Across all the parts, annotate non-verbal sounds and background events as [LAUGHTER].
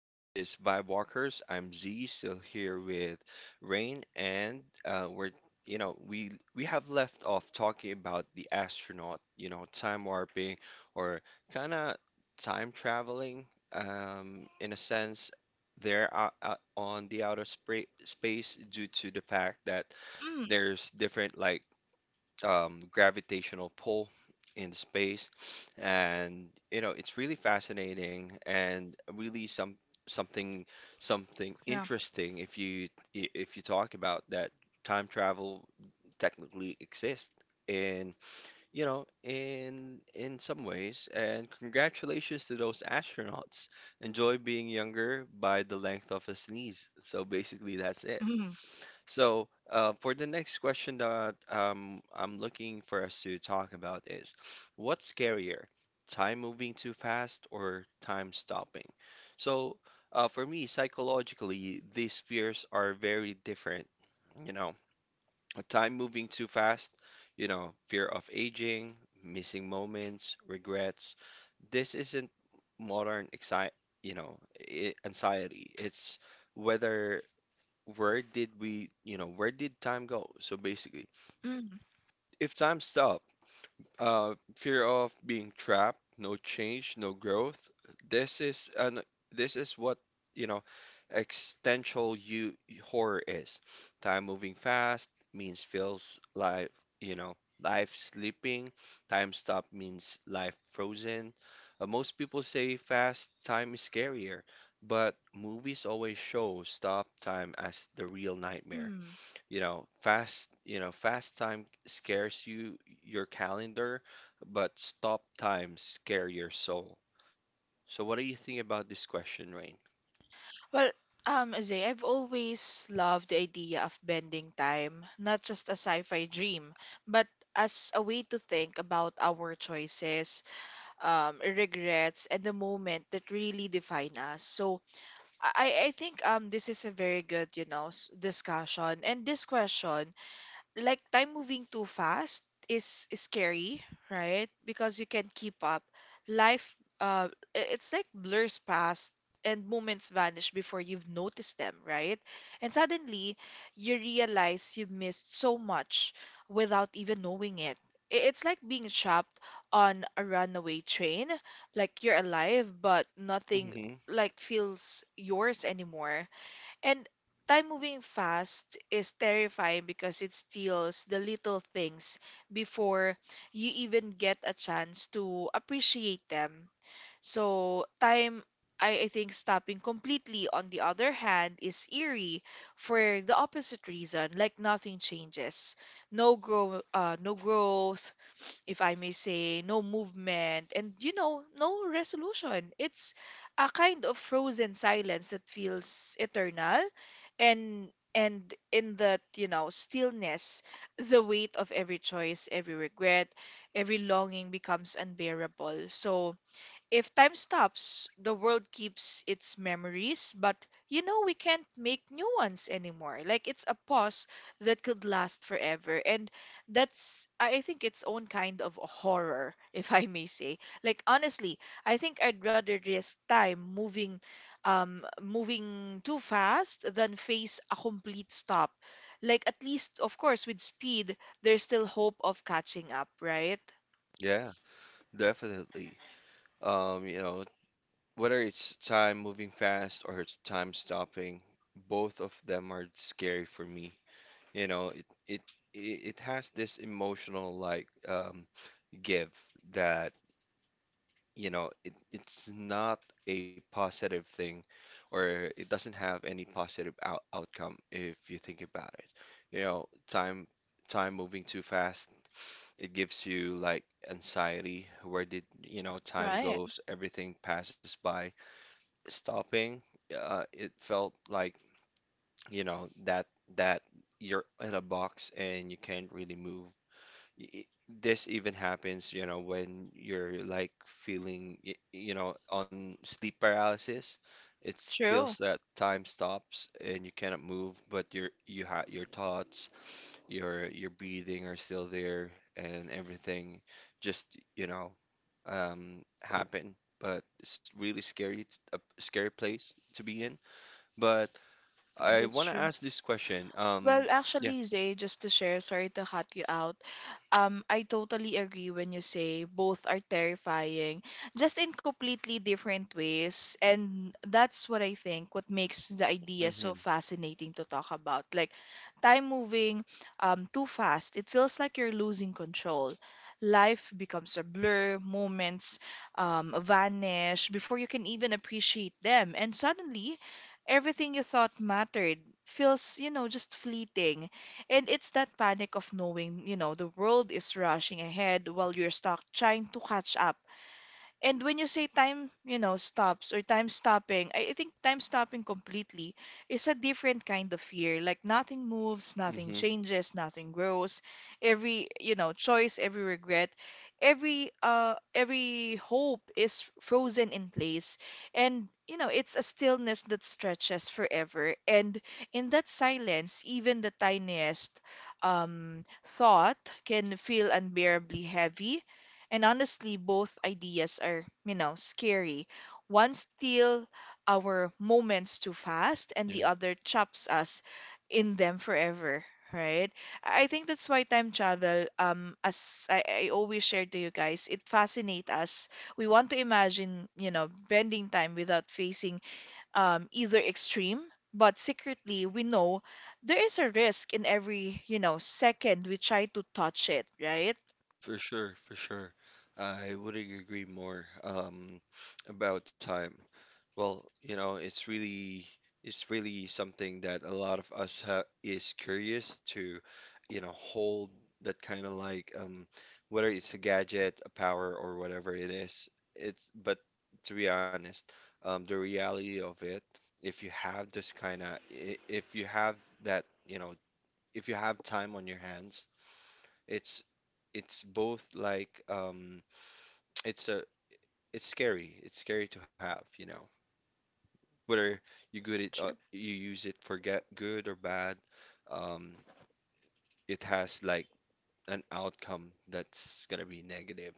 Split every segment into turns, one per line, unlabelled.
This is Vibe Walkers. I'm Z, still here with Rain, and we're we have left off talking about the astronaut, you know, time warping or kind of time traveling, in a sense. They're out, on the outer spra space due to the fact that
Mm,
there's different like gravitational pull in space, and you know it's really fascinating and really something something
yeah.
interesting if you if you talk about that time travel technically exists in you know in some ways, and congratulations to those astronauts. Enjoy being younger by the length of a sneeze, so basically that's it.
Mm,
So, for the next question that I'm looking for us to talk about is, what's scarier, time moving too fast or time stopping? So, for me, psychologically, these fears are very different. You know, a time moving too fast, you know, fear of aging, missing moments, regrets. This isn't modern exci. You know, I anxiety. It's whether, where did we, you know, where did time go? So basically,
mm,
if time stopped, fear of being trapped, no change, no growth. This is an this is what, you know, existential you horror is. Time moving fast means feels life, you know, life slipping. Time stop means life frozen. Most people say fast time is scarier, but movies always show stop time as the real nightmare.
mm.
You know, fast time scares you your calendar, but stop times scare your soul. So what do you think about this question, Rain?
Well, Zay, I've always loved the idea of bending time, not just a sci-fi dream, but as a way to think about our choices, regrets, and the moment that really define us. So I think this is a very good, you know, discussion. And this question like time moving too fast is scary, right? Because you can't keep up. Life, uh, it's like blurs past and moments vanish before you've noticed them, right? And suddenly you realize you've missed so much without even knowing it. It's like being trapped on a runaway train, like you're alive, but nothing
Hmm.
like feels yours anymore. And time moving fast is terrifying because it steals the little things before you even get a chance to appreciate them. So, time, I think stopping completely, on the other hand, is eerie for the opposite reason, like nothing changes. No growth, if I may say, no movement, and you know, no resolution. It's a kind of frozen silence that feels eternal and and in that, you know, stillness, the weight of every choice, every regret, every longing becomes unbearable. So if time stops, the world keeps its memories, but you know we can't make new ones anymore. Like it's a pause that could last forever. And that's, I think, its own kind of a horror, [LAUGHS] if I may say. Like honestly, I think I'd rather risk moving too fast than face a complete stop. Like at least, of course, with speed, there's still hope of catching up, right?
Yeah, definitely. You know, whether it's time moving fast or it's time stopping, both of them are scary for me. You know, it it it has this emotional like give that, you know, it's not a positive thing, or it doesn't have any positive outcome if you think about it. You know, time moving too fast, it gives you like anxiety. Where did, you know, time
Right.
goes, everything passes by. Stopping, it felt like, you know, that you're in a box and you can't really move. This even happens, you know, when you're like feeling, you know, on sleep paralysis. It
True.
feels that time stops and you cannot move, but your thoughts, your breathing are still there, and everything just, you know, happen. But it's really scary, a scary place to be in. But I
That's
want to
true.
ask this question.
Well,
Yeah.
actually, Zay, just to share, sorry to cut you out. I totally agree when you say both are terrifying, just in completely different ways. And that's what I think, what makes the idea so
Mm-hmm.
fascinating to talk about. Like time moving too fast, it feels like you're losing control. Life becomes a blur, moments vanish before you can even appreciate them. And suddenly, everything you thought mattered feels, you know, just fleeting. And it's that panic of knowing, you know, the world is rushing ahead while you're stuck trying to catch up, and when you say time, you know, stops or time stopping, I think time stopping completely is a different kind of fear. Like nothing moves, nothing
Mm-hmm.
changes, nothing grows. Every, you know, choice, every regret, every hope is frozen in place. And you know, it's a stillness that stretches forever. And in that silence, even the tiniest um thought can feel unbearably heavy, and honestly, both ideas are, you know, scary. One steals our moments too fast, and the
Yeah.
other traps us in them forever, right? I think that's why time travel, as I always share to you guys, it fascinates us. We want to imagine, you know, bending time without facing either extreme, but secretly we know there is a risk in every, you know, second we try to touch it, right?
For sure, for sure. I wouldn't agree more, about time. Well, you know, it's really something that a lot of us ha is curious to, you know, hold that kind of like whether it's a gadget, a power, or whatever it is. It's but to be honest, the reality of it, if you have this kind of if you have that, you know, if you have time on your hands, it's it's both like [TSK] it's a it's scary. It's scary to have, you know. Whether
True.
you use it for get good or bad, um it has like an outcome that's gonna be negative.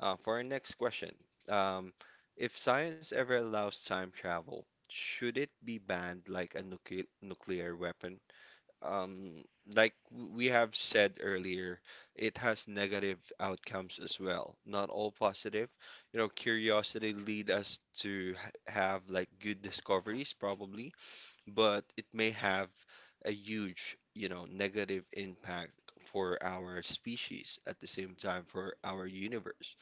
For our next question, um if science ever allows time travel, should it be banned like a nuclear weapon? Um, like we have said earlier, it has negative outcomes as well, not all positive. You know, curiosity lead us to have like good discoveries probably, but it may have a huge, you know, negative impact for our species at the same time for our universe.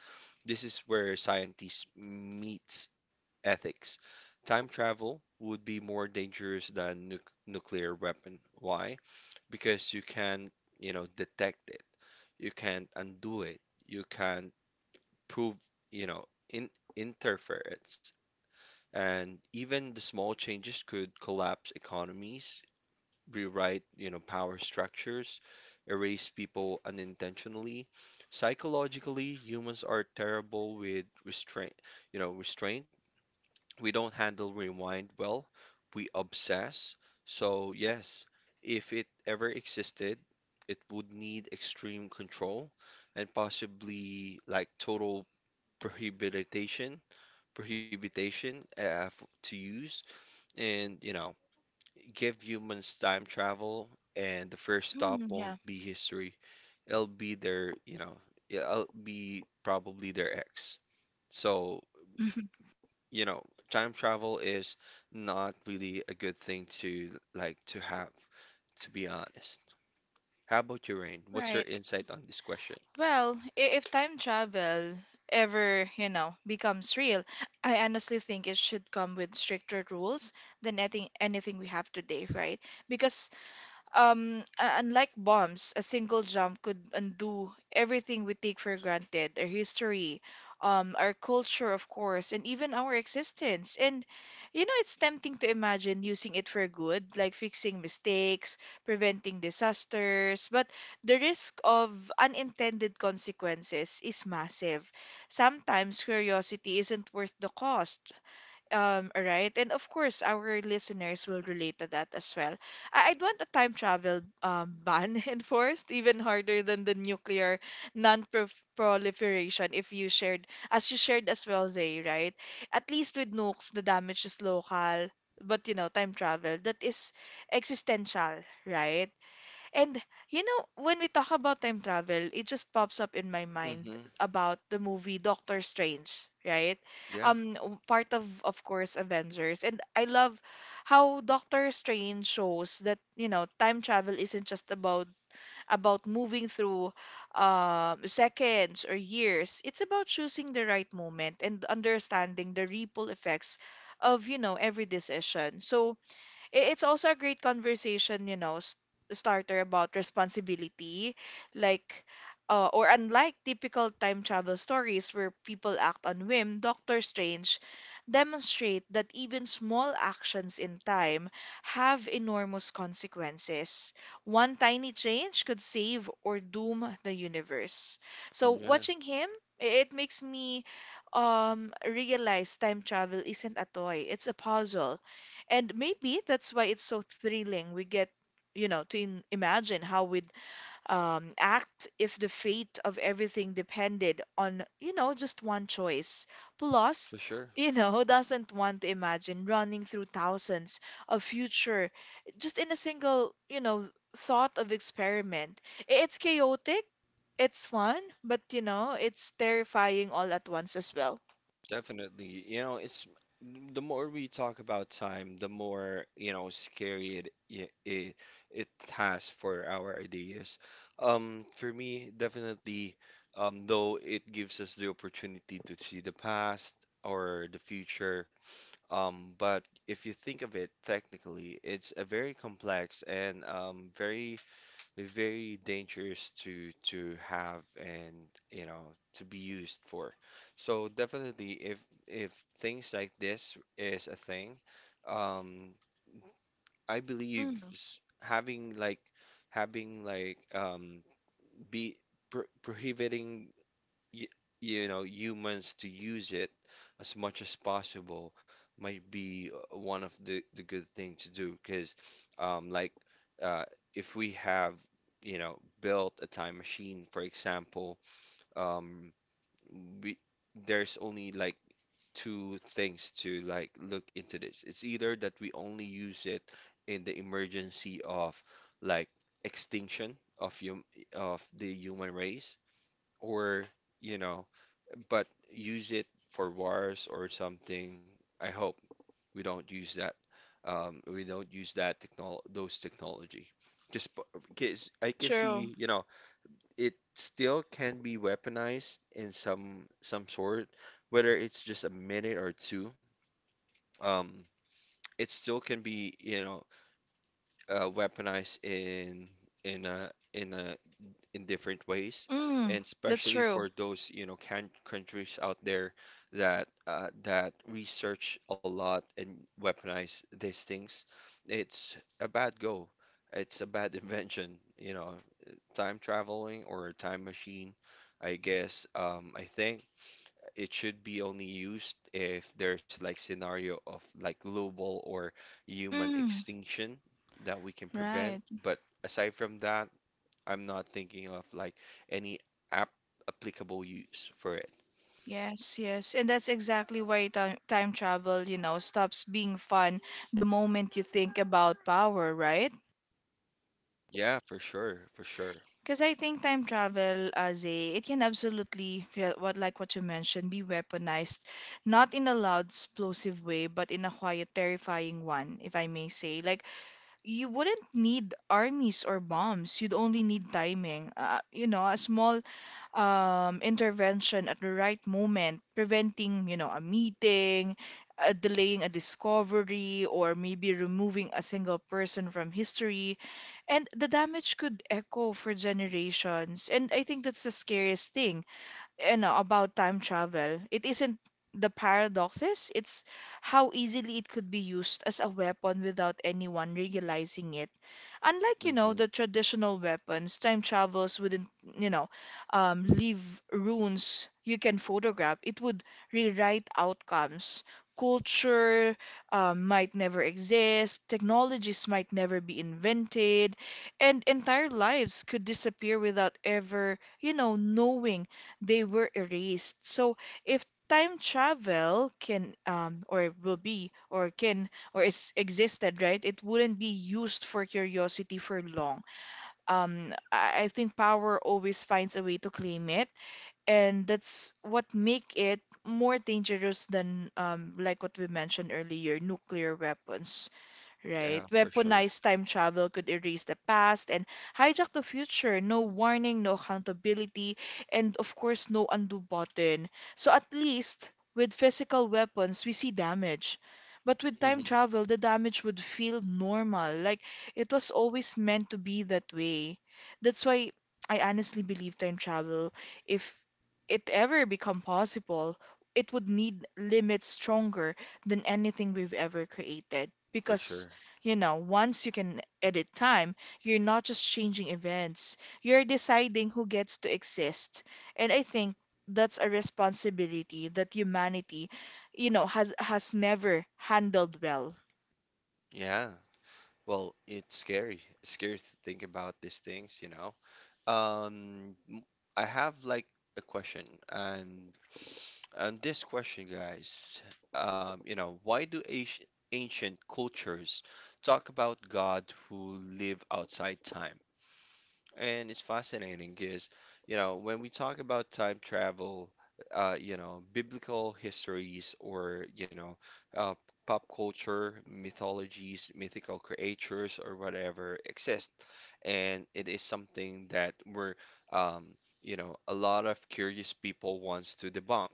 This is where scientists meets ethics. Time travel would be more dangerous than nuclear weapon. Why? Because you can't, you know, detect it. You can't undo it. You can't prove, you know, in interference. And even the small changes could collapse economies, rewrite, you know, power structures, erase people unintentionally. Psychologically, humans are terrible with restraint, you know, restraint we don't handle rewind well. We obsess. So, yes, if it ever existed, it would need extreme control and possibly like total prohibition, to use. And, you know, give humans time travel, and the first stop
Mm,
won't
yeah.
be history. It'll be their, you know, yeah, it'll be probably their ex. So,
[LAUGHS]
you know, time travel is not really a good thing to like to have, to be honest. How about you, Rain? What's your
Right.
insight on this question?
Well, if time travel ever, you know, becomes real, I honestly think it should come with stricter rules than anything we have today, right? Because unlike bombs, a single jump could undo everything we take for granted, our history, our culture, of course, and even our existence. And, you know, it's tempting to imagine using it for good, like fixing mistakes, preventing disasters, but the risk of unintended consequences is massive. Sometimes curiosity isn't worth the cost. All right. And of course, our listeners will relate to that as well. I'd want a time travel ban [LAUGHS] enforced, even harder than the nuclear non-proliferation if you shared, as you shared as well, Zay, right? At least with nukes, the damage is local. But you know, time travel, that is existential, right? And you know, when we talk about time travel, it just pops up in my mind
Mm-hmm.
about the movie Doctor Strange, right?
Yeah.
Part of course, Avengers. And I love how Doctor Strange shows that, you know, time travel isn't just about moving through seconds or years. It's about choosing the right moment and understanding the ripple effects of, you know, every decision. So it's also a great conversation, you know, starter about responsibility, like or unlike typical time travel stories where people act on whim, Doctor Strange demonstrate that even small actions in time have enormous consequences. One tiny change could save or doom the universe. So
Mm, yeah.
watching him, it makes me realize time travel isn't a toy, it's a puzzle, and maybe that's why it's so thrilling. We get, you know, to in imagine how we'd act if the fate of everything depended on, you know, just one choice. Plus,
For sure.
[LAUGHS] you know, who doesn't want to imagine running through thousands of future just in a single, you know, thought of experiment? It's chaotic, it's fun, but, you know, it's terrifying all at once as well.
Definitely. You know, it's the more we talk about time, the more, you know, scary it has for our ideas. For me, definitely, though it gives us the opportunity to see the past or the future. But if you think of it technically, it's a very complex and very very dangerous to have, and you know, to be used for. So definitely, if things like this is a thing, um, I believe
Mm,
having like be prohibiting you, you know humans to use it as much as possible might be one of the good thing to do. Because like uh if we have, you know, built a time machine for example, um we there's only like two things to like look into this. It's either that we only use it in the emergency of like extinction of hum of the human race, or, you know, but use it for wars or something. I hope we don't use that. We don't use that technol those technology. Just because I can
true.
see, you know, it still can be weaponized in some sort, whether it's just a minute or two. Um, it still can be, you know, weaponized in in a in different ways.
Mm,
And
that's
especially
true.
for those you know can countries out there that that research a lot and weaponize these things. It's a bad go it's a bad [LAUGHS] invention, you know, time traveling or a time machine. I guess I think it should be only used if there's like scenario of like global or human
Mm,
extinction that we can prevent.
right.
But aside from that, I'm not thinking of like any app applicable use for it.
Yes, yes. And that's exactly why time travel, you know, stops being fun the moment you think about power, right?
Yeah, for sure, for sure.
Because I think time travel as a it can absolutely yeah, what like what you mentioned be weaponized, not in a loud explosive way, but in a quiet, terrifying one, if I may say. Like you wouldn't need armies or bombs; you'd only need timing. You know, a small intervention at the right moment, preventing, you know, a meeting, delaying a discovery, or maybe removing a single person from history. And the damage could echo for generations. And I think that's the scariest thing, you know, about time travel. It isn't the paradoxes, it's how easily it could be used as a weapon without anyone realizing it. Unlike, you know,
Hmm.
the traditional weapons, time travels wouldn't, you know, leave runes you can photograph. It would rewrite outcomes. Culture might never exist, technologies might never be invented, and entire lives could disappear without ever, you know, knowing they were erased. So if time travel can or will be, or is existed, right? It wouldn't be used for curiosity for long. I think power always finds a way to claim it, and that's what make it more dangerous than like what we mentioned earlier, nuclear weapons,
Yeah,
right?
for sure.
Weaponized time travel could erase the past and hijack the future. No warning, no accountability, and of course, no undo button. So at least with physical weapons, we see damage. But with time
Hmm.
travel, the damage would feel normal. Like it was always meant to be that way. That's why I honestly believe time travel, if it ever become possible, it would need limits stronger than anything we've ever created,
For
because
sure.
you know, once you can edit time, you're not just changing events, you're deciding who gets to exist. And I think that's a responsibility that humanity, you know, has never handled well.
Yeah. Well, it's scary. It's scary to think about these things, you know. Um, m- I have like a question, and this question, guys, you know, why do ancient cultures talk about God who live outside time? And it's fascinating because, you know, when we talk about time travel, you know, biblical histories, or, you know, uh, pop culture, mythologies, mythical creatures, or whatever exist. And it is something that we're, um, you know, a lot of curious people wants to debunk.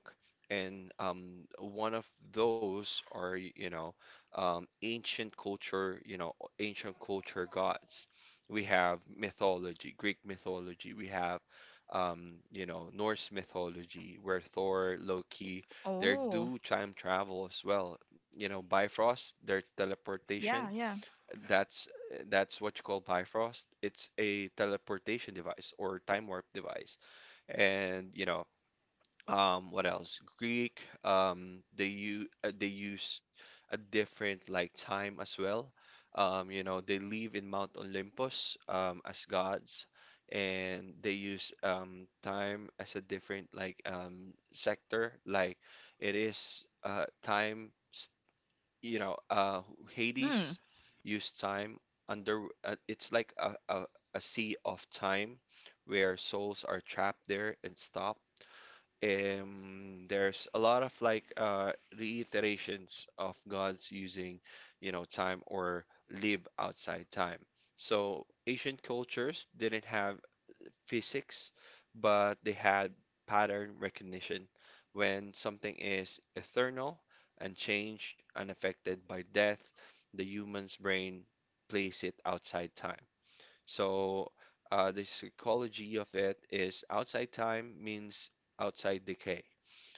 And one of those are, you know, ancient culture, you know, ancient culture gods. We have mythology, Greek mythology, we have you know, Norse mythology where Thor,
Y-
Loki, they
Oh,
do time travel as well. You know, Bifrost, their teleportation,
yeah, yeah.
that's that's what you call Bifrost. It's a teleportation device or time warp device. And you know, what else, Greek, they use a different like time as well. You know, they live in Mount Olympus as gods, and they use time as a different like sector. Like it is you know, Hades
Mm,
use time under, it's like a sea of time where souls are trapped there and stop. Um, there's a lot of like reiterations of gods using, you know, time or live outside time. So ancient cultures didn't have physics, but they had pattern recognition. When something is eternal, unchanged, unaffected by death, the human's brain plays it outside time. So the psychology of it is outside time means outside decay.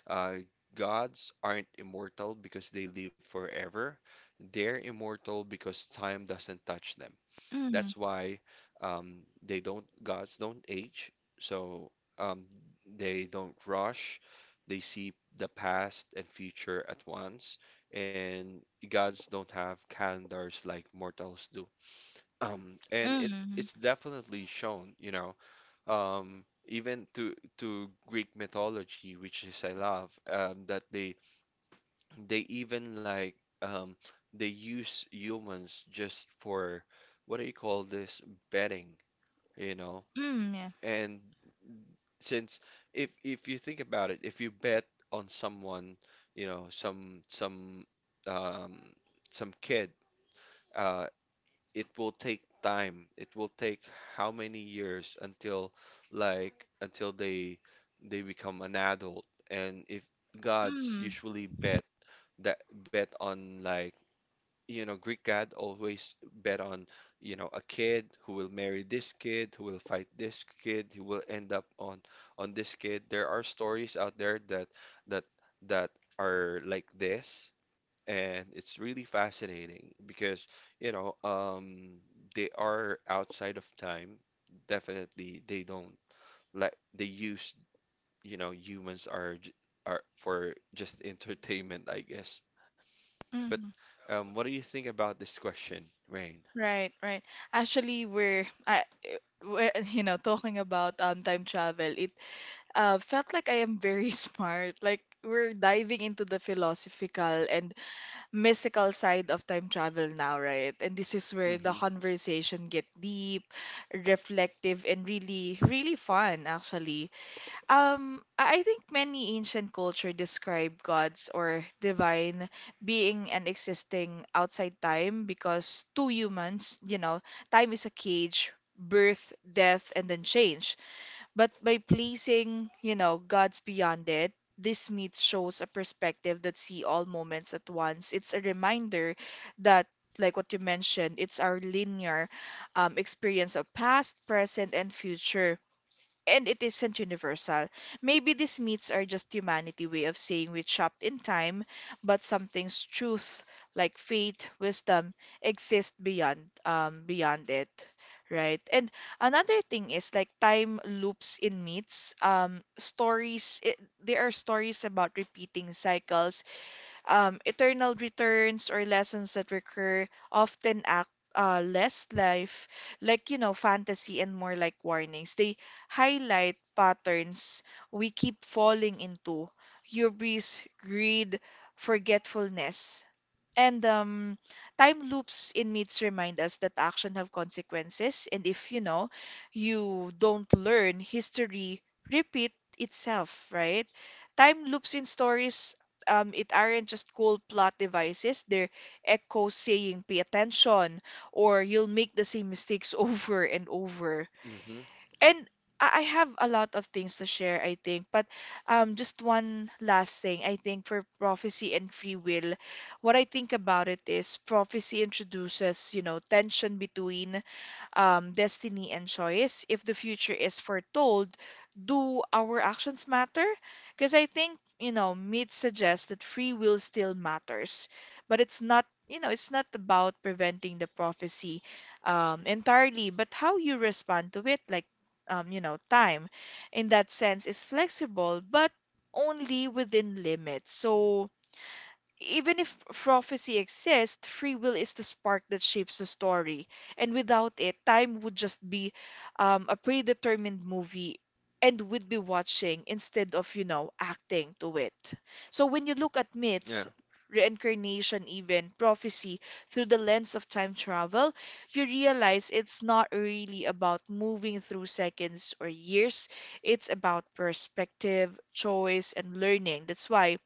Uh, gods aren't immortal because they live forever. They're immortal because time doesn't touch them.
mm,
That's why they don't, gods don't age. So um, they don't rush. They see the past and future at once. And gods don't have calendars like mortals do. And
mm,
it's definitely shown, you know, even to Greek mythology, which is I love, that they even like um, they use humans just for what do you call this, betting, you know?
mm, yeah.
And since, if you think about it, if you bet on someone, you know, um, some kid. Uh, it will take time. It will take how many years until until they become an adult. And if gods
Mm,
usually bet, that bet on like, you know, Greek god always bet on, you know, a kid who will marry this kid, who will fight this kid, who will end up on this kid. There are stories out there that that are like this, and it's really fascinating because, you know, um, they are outside of time. Definitely, they don't let they use, humans are are for just entertainment, I guess. But
mm.
what do you think about this question, Rain?
Right, right. Actually, we're, [LAUGHS] you know, talking about time travel. It felt like I am very [LAUGHS] smart. Like we're diving into the philosophical and mystical side of time travel now, right? And this is where the
Mm-hmm.
conversation get deep, reflective, and really, really fun, actually. I think many ancient culture describe gods or divine being and existing outside time because to humans, you know, time is a cage, birth, death, and then change. But by placing, you know, God's beyond it, this myth shows a perspective that see all moments at once. It's a reminder that, like what you mentioned, it's our linear experience of past, present, and future, and it isn't universal. Maybe these myths are just humanity way of saying we trapped in time, but something's truth like faith, wisdom exist beyond beyond it. Right. And another thing is like time loops in myths. Stories, it, there are stories about repeating cycles, eternal returns or lessons that recur often act less life like you know fantasy and more like warnings, they highlight patterns we keep falling into, hubris, greed, forgetfulness, and time loops in myths remind us that action have consequences, and if you know you don't learn, history repeat itself, right? Time loops in stories, it aren't just cold plot devices. They're echoes saying, "Pay attention," or "You'll make the same mistakes [LAUGHS] over and over."
Mm-hmm.
And I have a lot of things to share, I think. But just one last thing, I think, for prophecy and free will, what I think about it is prophecy introduces, you know, tension between destiny and choice. If the future is foretold, do our actions matter? Because I think, you know, meat suggests that free will still matters, but it's not, you know, it's not about preventing the prophecy entirely, but how you respond to it. Like, you know, time in that sense is flexible, but only within limits. So even if prophecy exists, free will is the spark that shapes the story. And without it, time would just be a predetermined movie, and would be watching instead of, you know, acting to it. So when you look at
Yeah.
myths, reincarnation, even prophecy through the lens of time travel, you realize it's not really about moving through seconds or years. It's about perspective, choice, and learning. That's why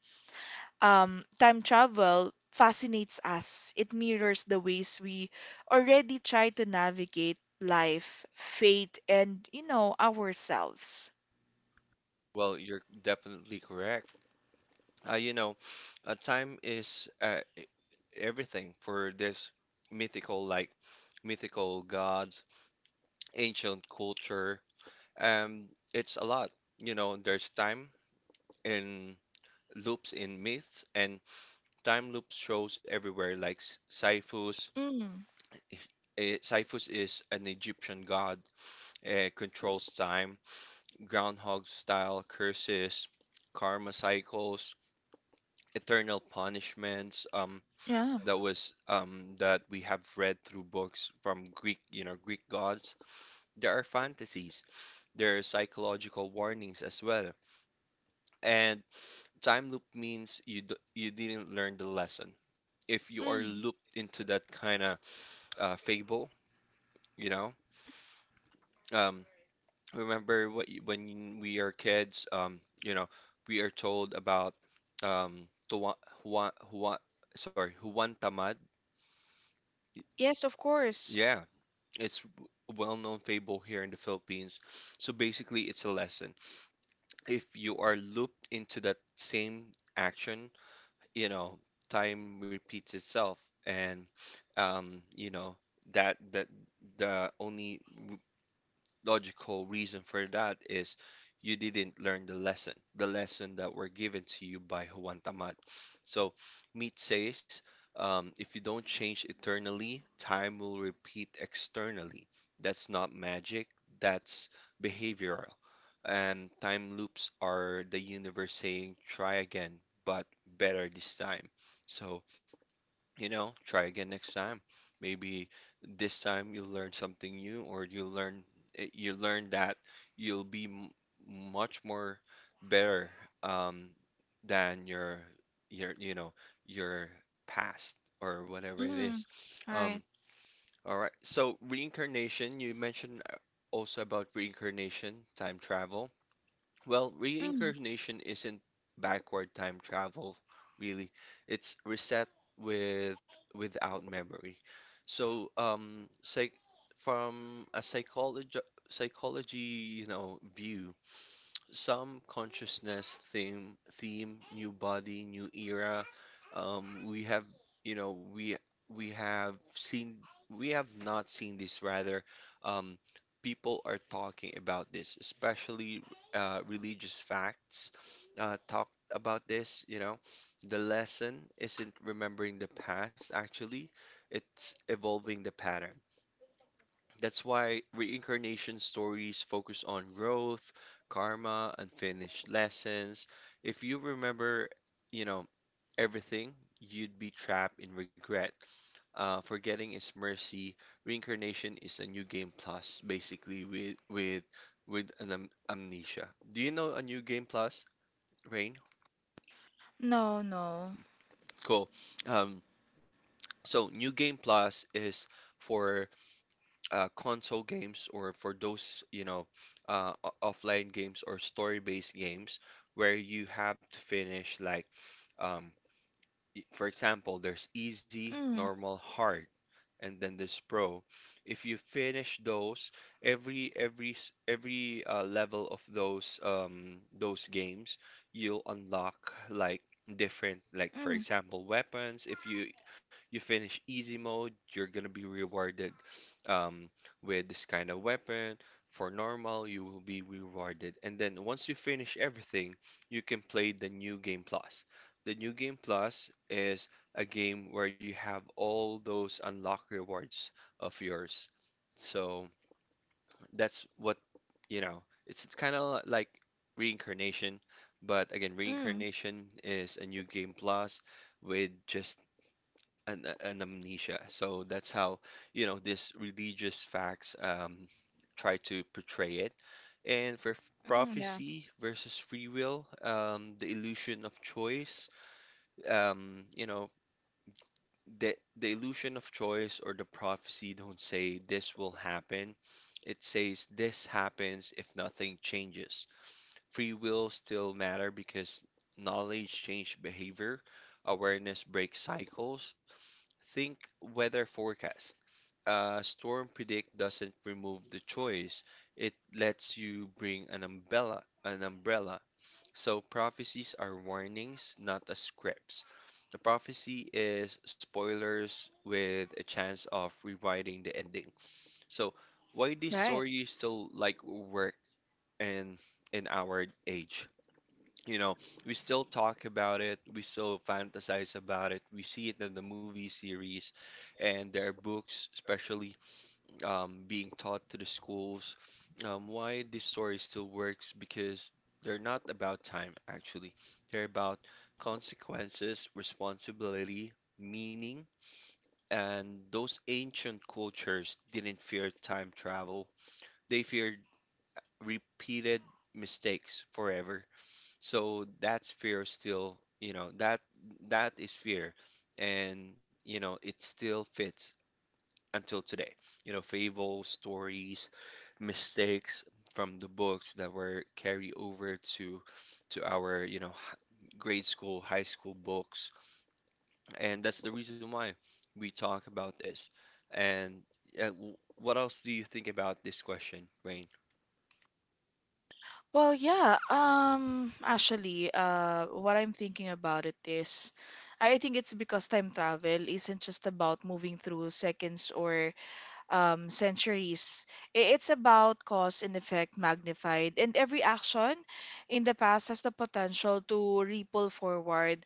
time travel fascinates us. It mirrors the ways we already try to navigate life, fate, and, you know, ourselves.
Well, you're definitely correct. You know, time is everything for this mythical, like mythical gods, ancient culture. Um, it's a lot. You know, there's time in loops in myths, and time loops shows everywhere. Like Siphus,
Mm.
Siphus is an Egyptian god, controls time, groundhog style curses, karma cycles, eternal punishments.
Yeah.
That we have read through books from Greek, you know, Greek gods. There are fantasies. There are psychological warnings as well. And time loop means you didn't learn the lesson. If you are
Mm.
looped into that kind of fable, you know. Um, Remember when we are kids, we are told about Tuwa, Juan, Juan, sorry, Juan Tamad.
Yes, of course.
Yeah, it's a well-known fable here in the Philippines. So basically, it's a lesson. If you are looped into that same action, you know, time repeats itself, and you know that the only logical reason for that is you didn't learn the lesson that were given to you by Juan Tamat. So Meat says, if you don't change eternally, time will repeat externally. That's not magic, that's behavioral. And time loops are the universe saying, try again, but better this time. So you know, try again next time. Maybe this time you'll learn something new, or you learn you learn that you'll be m much more better um, than your you know your past or whatever it
Mm.
is.
All
Um,
right.
all right. So reincarnation, you mentioned also about reincarnation, time travel. Well,
Mm.
reincarnation isn't backward time travel, really. It's reset with without memory. So, psych from a psychology, you know, view, some consciousness theme new body new era, we have, you know we we have seen, we have not seen this rather. um People are talking about this, especially religious facts, talk about this. You know, the lesson isn't remembering the past actually, it's evolving the pattern. That's why reincarnation stories focus on growth, karma, unfinished lessons. If you remember, you know, everything, you'd be trapped in regret. Forgetting is mercy. Reincarnation is a new game plus, basically with an am amnesia. Do you know a new game plus, Rain?
No, no.
Cool. Um, so new game plus is for console games, or for those, you know, offline games or story-based games where you have to finish like, um, for example, there's easy,
Mm.
normal, hard, and then there's pro. If you finish those, every s- every level of those games, you'll unlock like different, like for
Mm.
example weapons. If you finish easy mode, you're gonna be rewarded um with this kind of weapon. For normal, you will be rewarded, and then once you finish everything, you can play the new game plus. The New Game Plus is a game where you have all those unlocked rewards of yours. So that's what, you know, it's kind of like reincarnation. But again,
Mm.
reincarnation is a new game plus with just an amnesia. So that's how, you know, this religious facts try to portray it. And for
Mm. Yeah.
prophecy versus free will, the illusion of choice you know, the illusion of choice, or the prophecy don't say this will happen. It says this happens if nothing changes. Free will still matter because knowledge changes behavior, awareness breaks cycles. Think weather forecast. Storm predict doesn't remove the choice. It lets you bring an umbrella, an umbrella. So prophecies are warnings, not the scripts. The prophecy is spoilers with a chance of rewriting the ending. So why these
Right.
stories still like work in in our age? You know, we still talk about it, we still fantasize about it, we see it in the movie series and their books, especially being taught to the schools. Why this story still works, because they're not about time, actually. They're about consequences, responsibility, meaning, and those ancient cultures didn't fear time travel. They feared repeated mistakes forever. So that's fear still, you know, that is fear. And, you know, it still fits until today. You know, fables, stories, mistakes from the books that were carried over to our, you know, grade school, high school books. And that's the reason why we talk about this. And what else do you think about this question, Rain?
Well, yeah. Actually, what I'm thinking about it is, I think it's because time travel isn't just about moving through seconds or centuries. I- It's about cause and effect magnified, and every action in the past has the potential to ripple forward,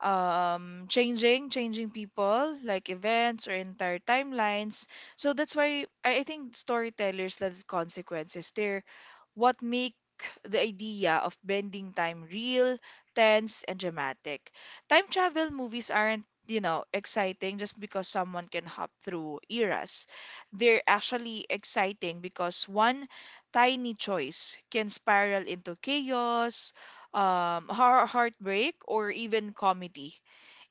changing people, like events or entire timelines. So that's why I think storytellers love consequences. They're what make the idea of bending time real, tense, and dramatic. Time travel movies aren't, you know, exciting just because someone can hop through eras. They're actually exciting because one tiny choice can spiral into chaos, heartbreak, or even comedy.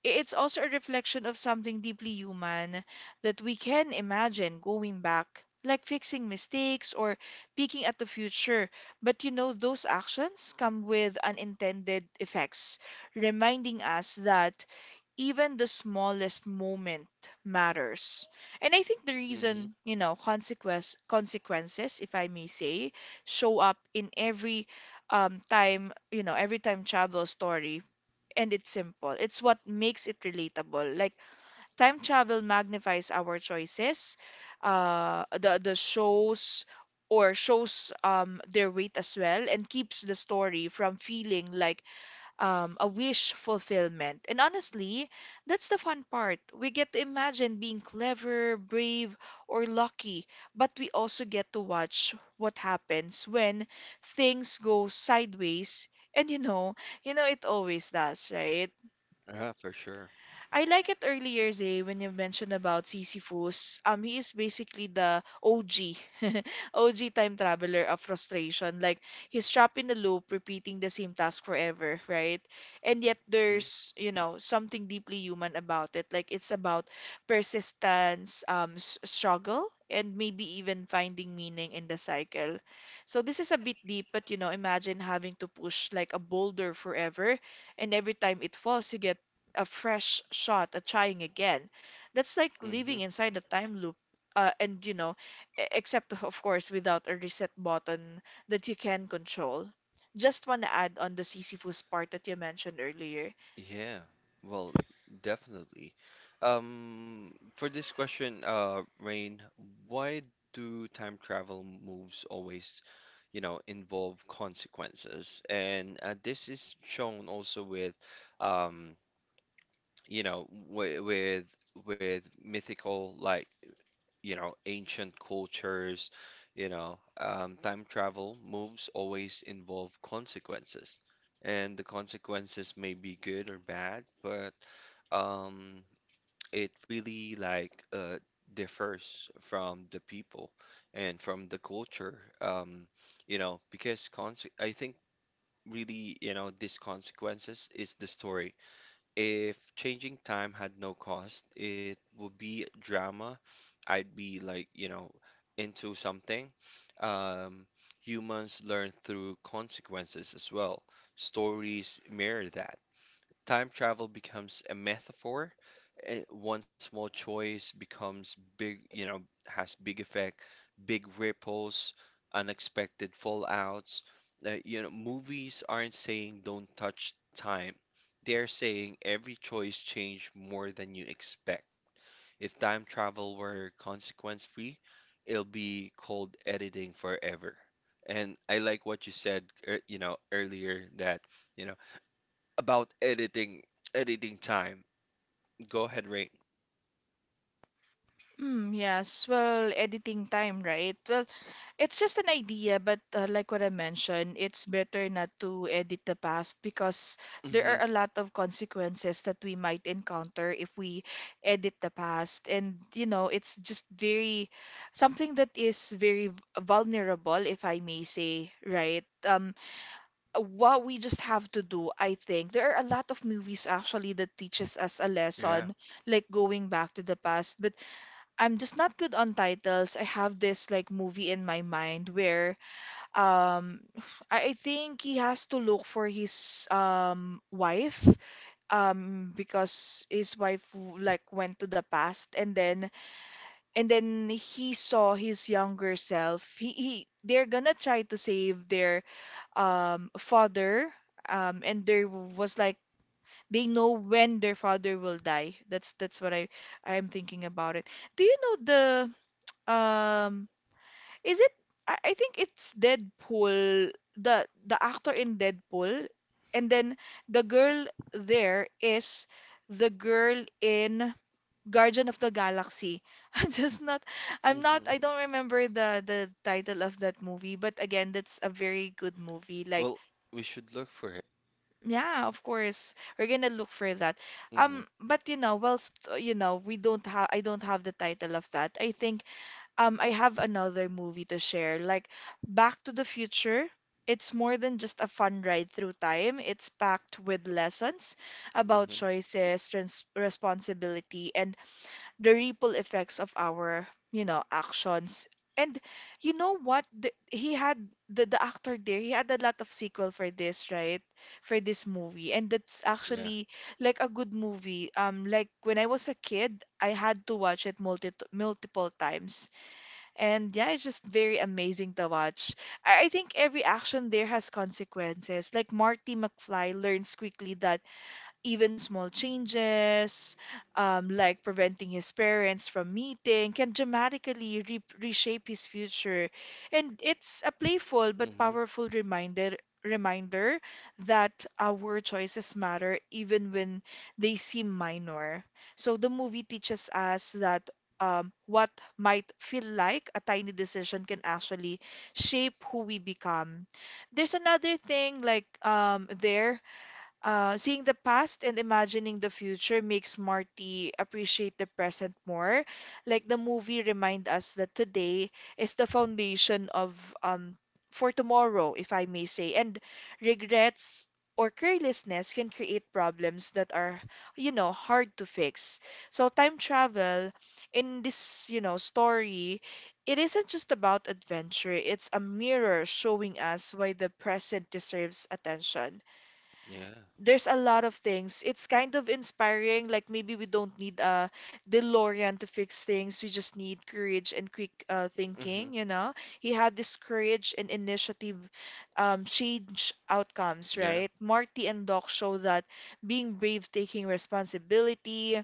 It's also a reflection of something deeply human, that we can imagine going back, like fixing mistakes or peeking at the future. But you know, those actions come with unintended effects, reminding us that even the smallest moment matters. And I think the
Mm-hmm.
reason, you know, consequences, if I may say, show up in every time, you know, every time travel story, and it's simple. It's what makes it relatable. Like, time travel magnifies our choices, the shows or shows their weight as well, and keeps the story from feeling like a wish fulfillment. And honestly, that's the fun part. We get to imagine being clever, brave, or lucky, but we also get to watch what happens when things go sideways. And you know it always does, right?
Yeah, for sure.
I like it earlier, Zay, when you mentioned about Sisyphus. He is basically the OG, OG [LAUGHS] time traveler of frustration. Like, he's trapped in a loop, repeating the same task forever, right? And yet there's, you know, something deeply human about it. Like, it's about persistence, struggle, and maybe even finding meaning in the cycle. So this is a bit deep, but you know, imagine having to push like a boulder forever, and every time it falls, you get a fresh shot at trying again. That's like
hmm
living inside a time loop. And you know, except [LAUGHS] of course without a reset button that you can control. Just want to add on the Sisyphus part that you mentioned earlier.
Yeah, well, definitely. For this question, Rain, why do time travel moves always, you know, involve consequences? And this is shown also with, um, you know, wi with mythical, like, you know, ancient cultures, you know, time travel moves always involve consequences. And the consequences may be good or bad, but um it really like differs from the people and from the culture. You know, because I think really, you know, these consequences is the story. If changing time had no cost it would be drama. I'd be like, you know, into something. um Humans learn through consequences as well, stories mirror that. Time travel becomes a metaphor. One small choice becomes big, you know, has big effect, big ripples, unexpected fallouts. You know, movies aren't saying don't touch time. They're saying every choice changed more than you expect. If time travel were consequence free, it'll be called editing forever. And I like what you said, you know, earlier that, you know, about editing time. Go ahead, Rain.
Mm, yes, well, editing time, right? Well, it's just an idea, but like what I mentioned, it's better not to edit the past because there are
Hmm
a lot of consequences that we might encounter if we edit the past. And, you know, it's just very something that is very vulnerable, if I may say, right? What we just have to do, I think, there are a lot of movies actually that teaches us a
Yeah.
lesson, like going back to the past. But I'm just not good on titles. I have this like movie in my mind where um I think he has to look for his wife because his wife like went to the past, and then he saw his younger self. He they're gonna try to save their father, and there was like they know when their father will die. That's what I'm thinking about it. Do you know the um is it? I think it's Deadpool. The actor in Deadpool, and then the girl there is the girl in Guardian of the Galaxy. [LAUGHS] I'm just not. I'm not. I
hmm
don't remember the title of that movie. But again, that's a very good movie. Like,
Well, we should look for it.
yeah, of course we're gonna look for that.
Hmm
But you know, whilst you know, we don't have. I don't have the title of that. I think I have another movie to share. Like, Back to the Future, it's more than just a fun ride through time. It's packed with lessons about
hmm
choices, trans responsibility, and the ripple effects of our, you know, actions. And you know what? The, he had the actor there, he had a lot of sequel for this, right? For this movie. And that's
Yeah.
actually like a good movie. Like when I was a kid, I had to watch it multiple times, and yeah, it's just very amazing to watch. I think every action there has consequences. Like, Marty McFly learns quickly that even small changes, like preventing his parents from meeting, can dramatically re reshape his future. And it's a playful but
hmm
powerful reminder that our choices matter even when they seem minor. So the movie teaches us that what might feel like a tiny decision can actually shape who we become. There's another thing like there seeing the past and imagining the future makes Marty appreciate the present more. Like, the movie remind us that today is the foundation of um for tomorrow, if I may say. And regrets or carelessness can create problems that are, you know, hard to fix. So time travel in this, you know, story, it isn't just about adventure. It's a mirror showing us why the present deserves attention.
Yeah.
There's a lot of things. It's kind of inspiring. Like, maybe we don't need a DeLorean to fix things. We just need courage and quick
hmm
thinking, you know? He had this courage and initiative change outcomes,
Yeah.
right? Marty and Doc show that being brave, taking responsibility,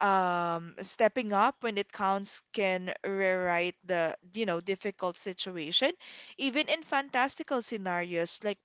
stepping up when it counts can rewrite the, you know, difficult situation. Even in fantastical scenarios, like,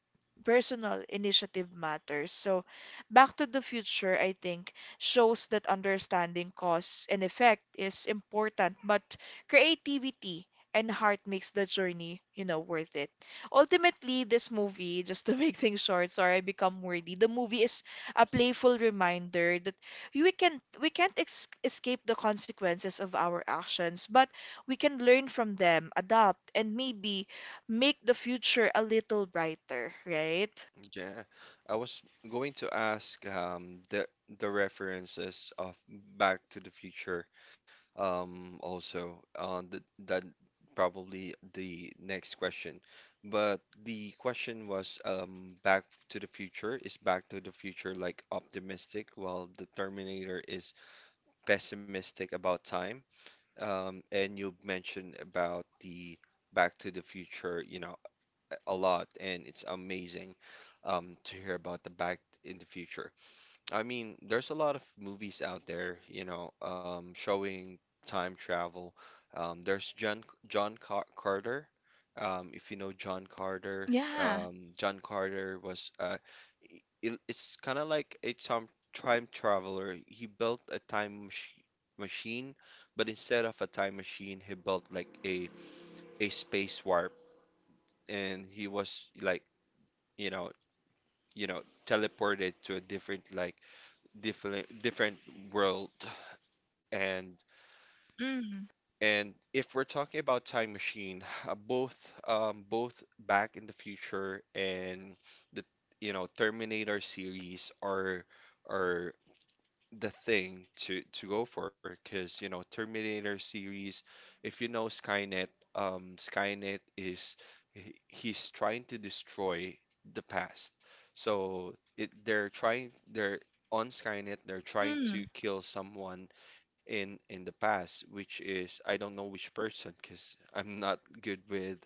personal initiative matters. So, Back to the Future, I think, shows that understanding cause and effect is important, but creativity and heart makes the journey, you know, worth it. Ultimately, this movie, [LAUGHS] just to make things short, sorry, I become wordy. The movie is a playful reminder that we can't ex escape the consequences of our actions, but we can learn from them, adapt, and maybe make the future a little brighter, right?
Yeah. I was going to ask the references of Back to the Future, also th that probably the next question. But the question was, Back to the Future, is Back to the Future like optimistic while the Terminator is pessimistic about time? And you mentioned about the Back to the Future, you know, a lot, and it's amazing to hear about the Back in the Future. I mean, there's a lot of movies out there, you know, showing time travel. There's John John Car Carter. If you know John Carter,
Yeah.
John Carter was, it's kind of like a time traveler. He built a time mach machine, but instead of a time machine, he built like a space warp, and he was like, you know, you know, teleported to a different, like, different world. and
Mm.
and if we're talking about time machine, both back in the future and the you know Terminator series are the thing to go for. Because, you know, Terminator series, if you know Skynet, Skynet is, he's trying to destroy the past. So it they're trying, they're on Skynet they're trying to
Mm.
kill someone in the past, which is I don't know which person, because I'm not good with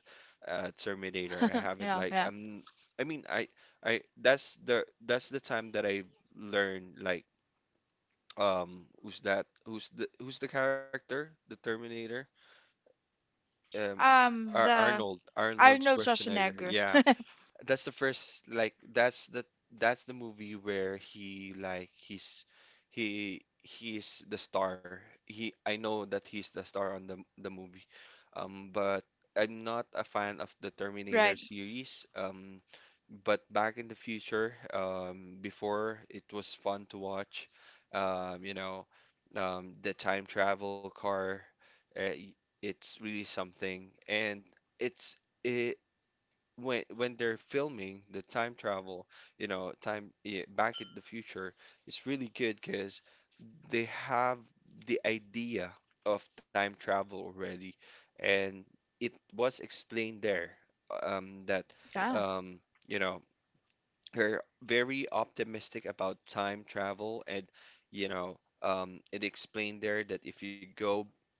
Terminator. I haven't
Yeah,
like
yeah.
I'm I mean, I that's the time that I've learned, like, who's that? Who's the character? The Terminator. Um, Ar
The
Arnold, Arnold
Arnold
Schwarzenegger.
Schwarzenegger.
Yeah. That's the first, like that's the movie where he like he he's the star. He, I know that he's the star on the movie. But I'm not a fan of the Terminator
Right.
series. But back in the future, before, it was fun to watch. You know, the time travel car. Uh, it's really something. And it's it, when they're filming the time travel, you know, time, yeah, back in the future, it's really good because they have the idea of time travel already, and it was explained there that
Yeah,
um you know, her very optimistic about time travel. And, you know, it explained there that if you go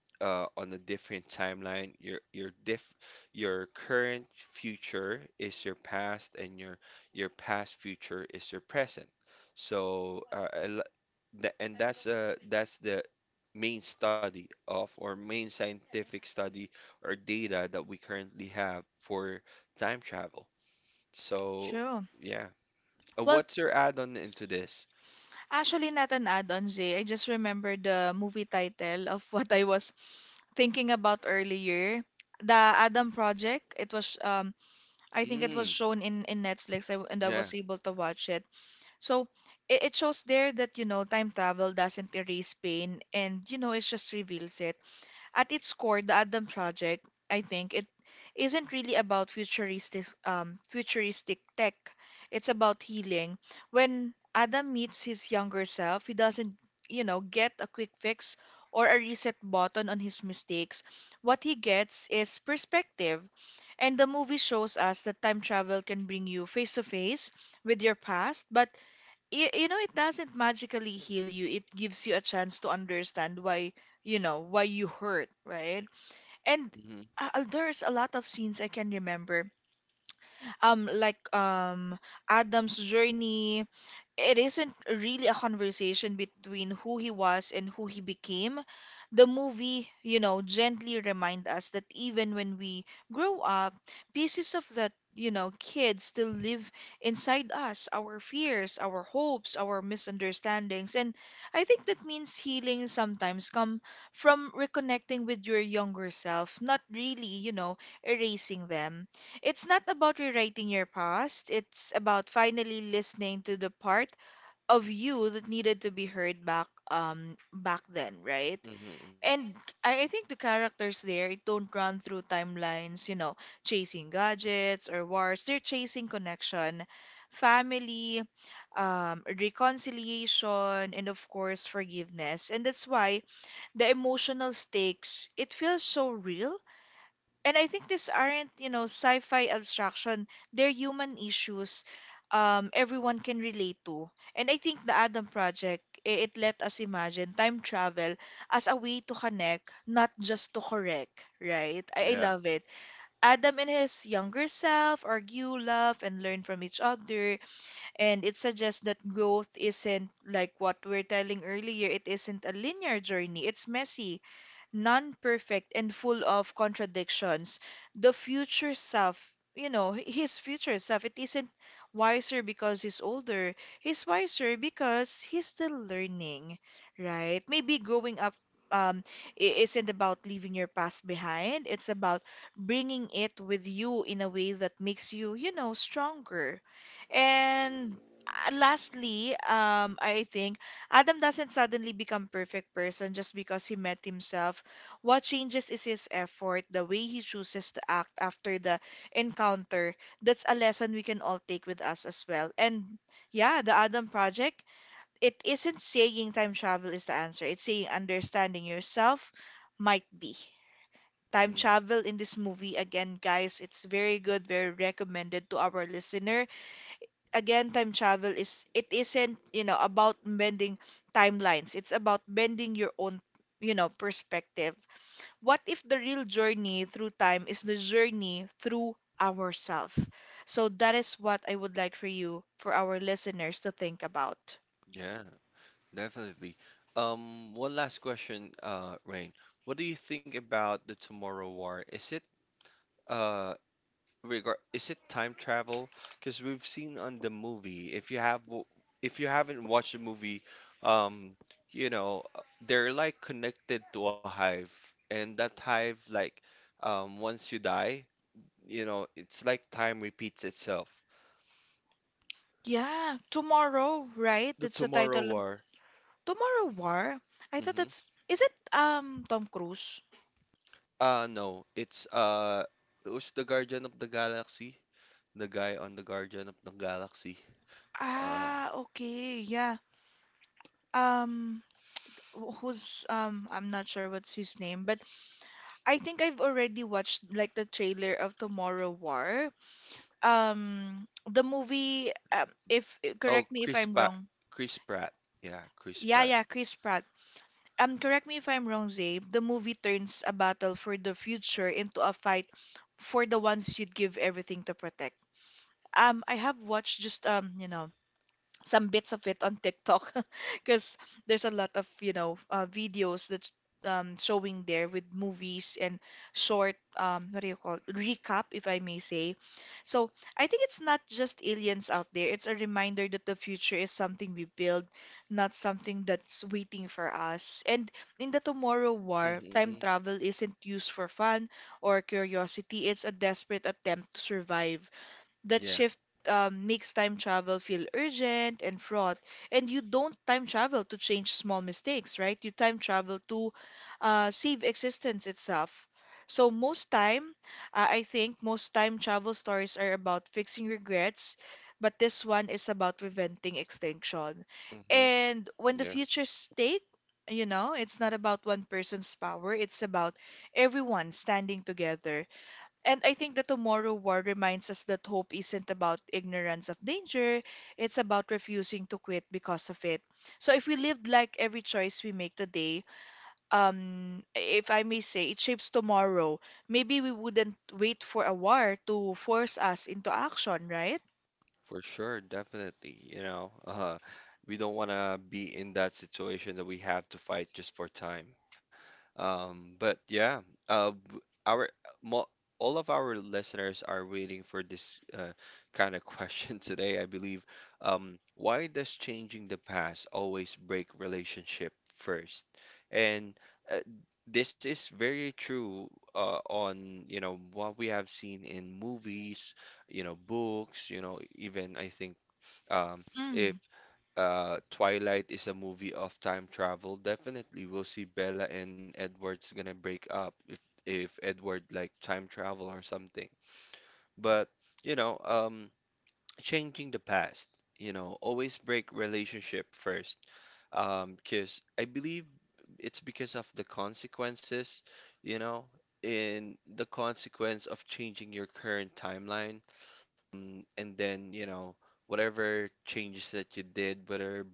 on a different timeline, your current future is your past, and your past future is your present. So and that's the main study of, or main scientific study or data, that we currently have for time travel. So
sure.
yeah. What's your add-on into this?
Actually, not an add-on, Zay. I just remember the movie title of [LAUGHS] what I was thinking about earlier. The Adam Project. It was I think it was
Mm,
shown in Netflix. And I
yeah.
was able to watch it. So it shows there that you know time travel doesn't erase pain, and you know it just reveals it. At its core, the Adam Project, I think, it isn't really about futuristic futuristic tech. It's about healing. When Adam meets his younger self, he doesn't, you know, get a quick fix or a reset button on his mistakes. What he gets is perspective. And the movie shows us that time travel can bring you face to face with your past, but you know it doesn't magically heal you. It gives you a chance to understand why, you know, why you hurt, right? And
hmm
there's a lot of scenes I can remember, um like um Adam's journey, it isn't really a conversation between who he was and who he became. The movie, you know, gently remind us that even when we grow up, pieces of that, you know, kid still live inside us, our fears, our hopes, our misunderstandings. And I think that means healing sometimes come from reconnecting with your younger self, not really, you know, erasing them. It's not about rewriting your past. It's about finally listening to the part of you that needed to be heard back then, right?
hmm
And I think the characters there don't run through timelines, you know, chasing gadgets or wars. They're chasing connection, family, reconciliation, and of course forgiveness. And that's why the emotional stakes, it feels so real, and I think these aren't, you know, sci-fi abstraction. They're human issues everyone can relate to. And I think the Adam Project, it let us imagine time travel as a way to connect, not just to correct, right? I
Yeah.
love it. Adam and his younger self argue, love, and learn from each other. And it suggests that growth isn't like what we're telling earlier. It isn't a linear journey. It's messy, non perfect and full of contradictions. The future self, his future self, it isn't wiser because he's older. He's wiser because he's still learning, right? Maybe growing up um, i- isn't about leaving your past behind. It's about bringing it with you in a way that makes you stronger. And lastly, I think Adam doesn't suddenly become perfect person just because he met himself. What changes is his effort, the way he chooses to act after the encounter. That's a lesson we can all take with us as well. And yeah, the Adam Project, it isn't saying time travel is the answer. It's saying understanding yourself might be. Time
mm
travel in this movie, again, guys, it's very good, very recommended to our listener. Again, time travel it isn't, you know, about bending timelines. It's about bending your own, you know, perspective. What if the real journey through time is the journey through ourselves? So that is what I would like for you, for our listeners to think about.
Yeah, definitely. One last question, Rain. What do you think about the Tomorrow War? Is it uh regard is it time travel? Because we've seen on the movie, if you have if you haven't watched the movie, um, they're like connected to a hive, and that hive like once you die, you know, it's like time repeats itself.
Yeah, tomorrow, right?
The
That's the
Tomorrow
title.
War.
Tomorrow War? I thought
hmm
that's is it Tom Cruise?
No, it's who's the Guardian of the Galaxy? The guy on the Guardian of the Galaxy. Uh,
Ah, okay, yeah. Um, wh- who's I'm not sure what's his name, but I think I've already watched like the trailer of Tomorrow War. The movie, if
oh,
correct me if
Chris
I'm
Pratt.
wrong.
Chris Pratt. Yeah, Chris
Yeah,
Pratt.
yeah, Chris Pratt. Um, correct me if I'm wrong, Zay. The movie turns a battle for the future into a fight for the ones you'd give everything to protect. I have watched just you know, some bits of it on TikTok [LAUGHS] because there's a lot of, you know, videos that's showing there with movies and short, what do you call recap, if I may say. So I think it's not just aliens out there. It's a reminder that the future is something we build, not something that's waiting for us. And in the Tomorrow War,
Hmm.
time travel isn't used for fun or curiosity. It's a desperate attempt to survive. That
Yeah.
shift makes time travel feel urgent and fraught. And you don't time travel to change small mistakes, right? You time travel to save existence itself. So most time, I think most time travel stories are about fixing regrets, but this one is about preventing extinction.
Hmm.
And when the
Yeah.
future's stake, you know, it's not about one person's power, it's about everyone standing together. And I think the Tomorrow War reminds us that hope isn't about ignorance of danger, it's about refusing to quit because of it. So if we lived like every choice we make today, if I may say, it shapes tomorrow, maybe we wouldn't wait for a war to force us into action, right?
For sure, definitely. You know, we don't want to be in that situation that we have to fight just for time. But yeah, uh, w- our mo all of our listeners are waiting for this kind of question [LAUGHS] today, I believe. Why does changing the past always break relationship first? And uh, this is very true on, you know, what we have seen in movies, you know, books, you know, even I think um, if
Mm,
Twilight is a movie of time travel, definitely we'll see Bella and Edward's gonna break up if Edward like time travel or something. But you know, changing the past, you know, always break relationship first, because I believe it's because of the consequences, you know, in the consequence of changing your current timeline, and then you know whatever changes that you did, whether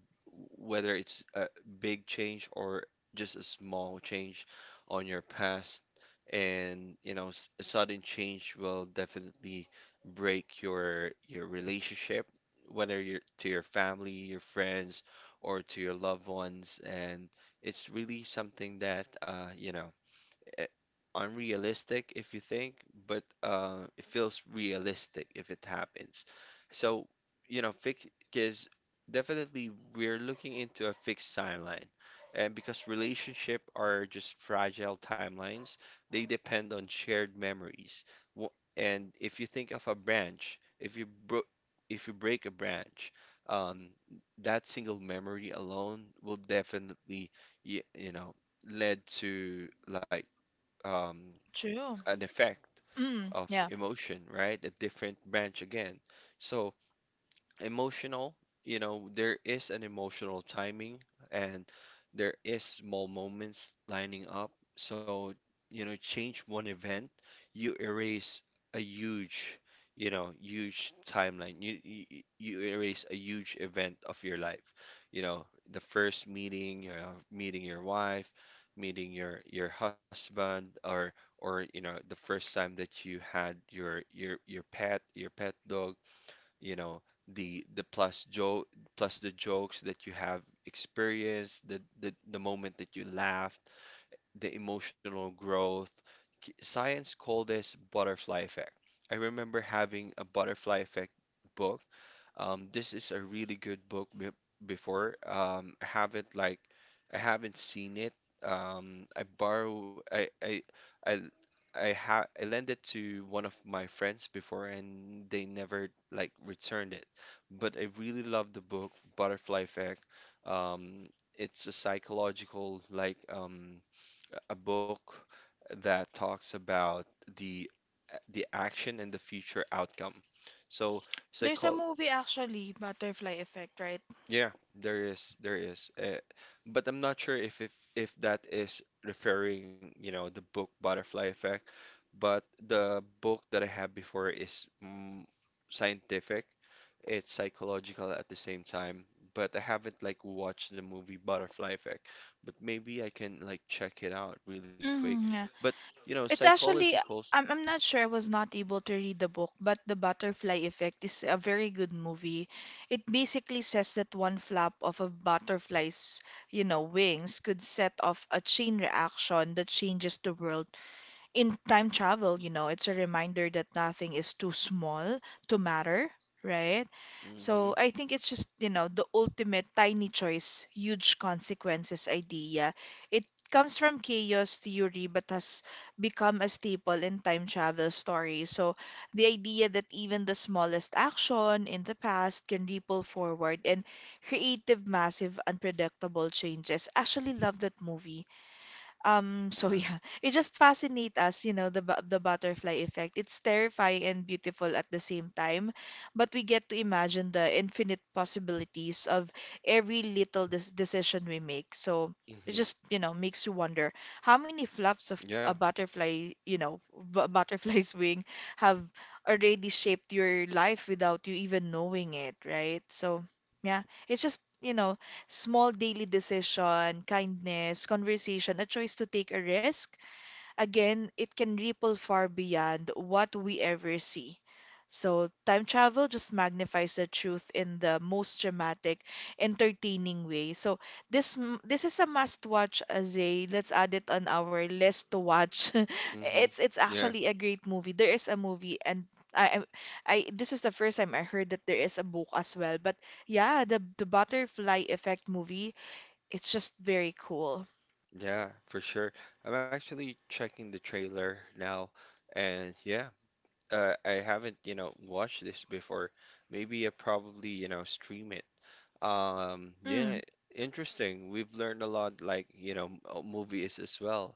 whether it's a big change or just a small change on your past, and you know a sudden change will definitely break your relationship, whether you're to your family, your friends, or to your loved ones, and it's really something that eh, unrealistic if you think, but it feels realistic if it happens. So, you know, fix because definitely we're looking into a fixed timeline. And because relationship are just fragile timelines, they depend on shared memories. And if you think of a branch, if you break a branch, um, that single memory alone will definitely, you, you know, led to like um,
true.
an effect
Mm,
of
yeah.
emotion, right? A different branch again. So emotional you know there is an emotional timing, and there is small moments lining up. So you know change one event, you erase a huge, you know, huge timeline, you erase a huge event of your life. You know, the first meeting, you know, meeting your wife, meeting your husband, or you know the first time that you had your pet dog, you know, the plus joke plus the jokes that you have experienced, the moment that you laughed, the emotional growth. Science call this butterfly effect. I remember having a butterfly effect book. This is a really good book be before. I haven't seen it. I borrow I I ha I lent it to one of my friends before and they never like returned it. But I really love the book Butterfly Effect. Um, it's a psychological like a book that talks about the the action and the future outcome. So
There's a
psycho
movie actually, Butterfly Effect, right?
yeah, there is. But I'm not sure if that is referring, you know, the book Butterfly Effect. But the book that I have before is mm, scientific. It's psychological at the same time. But I haven't like watched the movie Butterfly Effect. But maybe I can like check it out really quick.
Mm, yeah.
But you know,
It's actually,
psychological.
I'm not sure. I was not able to read the book, but The Butterfly Effect is a very good movie. It basically says that one flap of a butterfly's, you know, wings could set off a chain reaction that changes the world. In time travel, you know, it's a reminder that nothing is too small to matter, right?
Mm-hmm.
So I think it's just, you know, the ultimate tiny choice, huge consequences idea. It comes from chaos theory but has become a staple in time travel stories. So the idea that even the smallest action in the past can ripple forward and creative massive unpredictable changes. Actually love that movie, so
Uh,
yeah, [LAUGHS] it just fascinates us, you know, the the butterfly effect. It's terrifying and beautiful at the same time, but we get to imagine the infinite possibilities of every little decision we make. So it
mm-hmm.
just, you know, makes you wonder how many flops of a
Yeah.
butterfly, you know, b [LAUGHS] butterfly's wing have already shaped your life without you even knowing it, right? So, yeah, it's just, you know, small daily decision, kindness, conversation, a choice to take a risk. Again, it can ripple far beyond what we ever see. So, time travel just magnifies the truth in the most dramatic, entertaining way. So, this is a must-watch, Azay. Let's add it on our list to watch. [LAUGHS]
Mm-hmm.
It's
Yeah.
actually a great movie. There is a movie, and I I this is the first time I heard that there is a book as well. But yeah, the Butterfly Effect movie, it's just very cool.
Yeah, for sure. I'm actually checking the trailer now, and yeah, I haven't, you know, watched this before. Maybe I probably, you know, stream it. Yeah,
Mm,
interesting. We've learned a lot, like, you know, movies as well.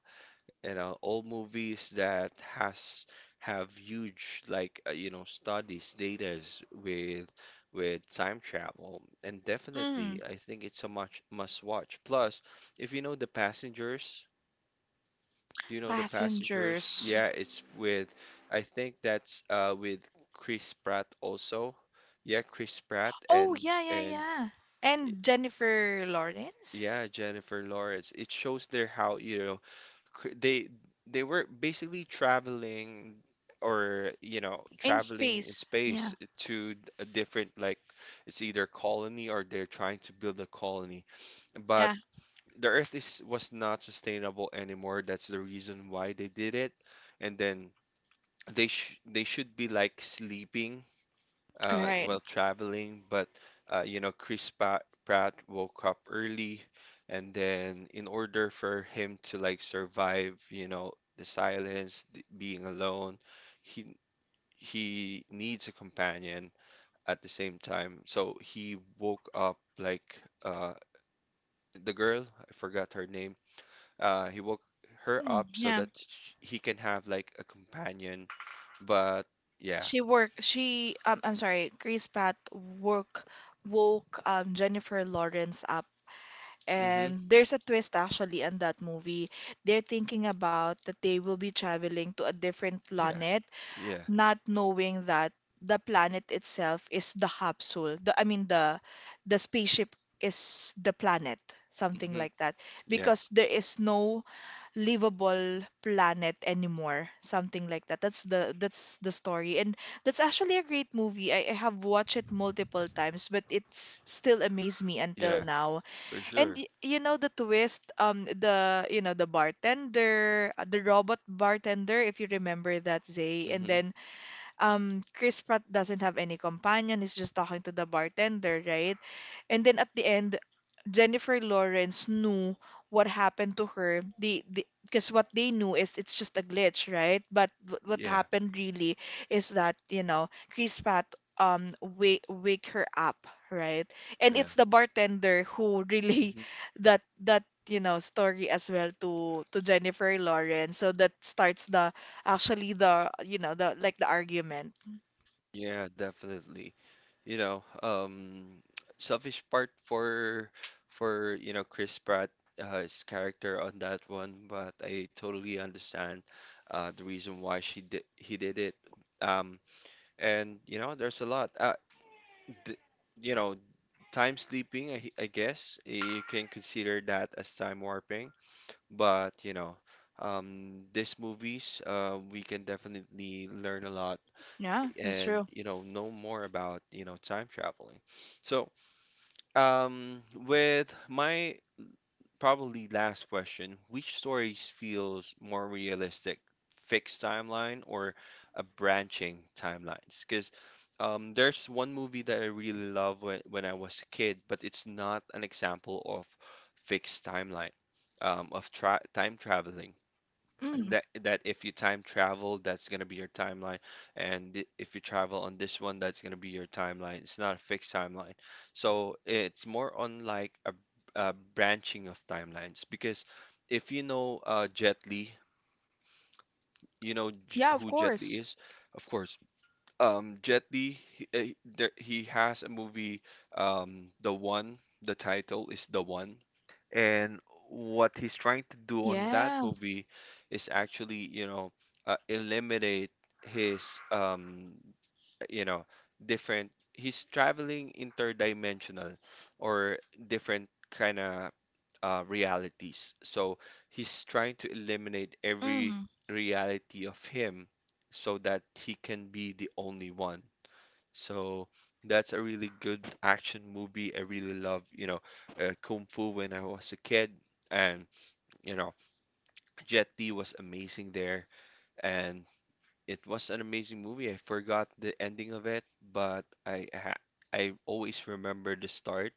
You know, old movies that has have huge, like, you know, studies, datas with time travel, and
mm.
definitely, I think it's a much must watch. Plus, if you know the passengers. Do you know the passengers?
Passengers.
Yeah, it's with, I think that's with Chris Pratt also. Yeah, Chris Pratt
Oh, yeah, yeah,
and
yeah.
y-
And Jennifer Lawrence
yeah, Jennifer Lawrence. It shows there how, you know, cr- they they were basically traveling or you know
in
traveling in
space. Yeah,
space to a different like it's either colony or they're trying to build a colony, but
yeah,
the earth is was not sustainable anymore. That's the reason why they did it, and then they should be like sleeping
right.
while traveling, but you know, Chris Pat Pratt woke up early, and then in order for him to like survive, you know, the silence, the, being alone, he he needs a companion at the same time. So he woke up like the girl, I forgot her name. He woke her
Mm,
up so
yeah,
that sh he can have like a companion, but yeah.
she worked. She, I'm sorry, Chris Pratt woke Jennifer Lawrence up,
Hmm.
and there's a twist actually in that movie. They're thinking about that they will be traveling to a different
Yeah.
planet,
Yeah.
not knowing that the planet itself is the capsule. The, I mean the spaceship is the planet, something
Hmm.
like that.
Yeah.
Because there is no livable planet anymore, something like that. That's the story. And that's actually a great movie. I have watched it multiple times, but it's still amazed me until
Yeah.
now.
For
And
sure.
you know the twist, the you know the bartender, the robot bartender, if you remember that, Zay, and
Hmm.
then Chris Pratt doesn't have any companion. He's just talking to the bartender, right? And then at the end, Jennifer Lawrence knew what happened to her. Because what they knew is it's just a glitch, right? But what
Yeah.
happened really is that, you know, Chris Pratt wake her up, right? And
Yeah.
it's the bartender who really
Hmm.
[LAUGHS] that that story as well to Jennifer Lawrence. So that starts the actually the you know the like the argument.
Yeah, definitely. You know, selfish part for you know Chris Pratt, his character on that one, but I totally understand the reason why she did he did it. Um, and you know, there's a lot. D You know, time sleeping. I guess you can consider that as time warping. But you know, these movies, we can definitely learn a lot
Yeah, that's
and
true.
you know more about you know time traveling. So, with my probably last question, which stories feels more realistic, fixed timeline or a branching timelines? Because there's one movie that I really love when I was a kid, but it's not an example of fixed timeline, of tra time traveling,
Mm,
that that if you time travel that's going to be your timeline, and if you travel on this one that's going to be your timeline. It's not a fixed timeline, so it's more on like a branching of timelines. Because if you know Jet Li, you know,
yeah, of
who Jet Li
course.
is. Of course. Jet Li he has a movie, The One, the title is The One. And what he's trying to do on that
Yeah.
movie is actually you know eliminate his you know different he's traveling interdimensional or different kind of realities. So he's trying to eliminate every
Mm,
reality of him so that he can be the only one. So that's a really good action movie. I really love, you know, kung fu when I was a kid, and you know Jet Li was amazing there. And it was an amazing movie. I forgot the ending of it, but I always remember the start,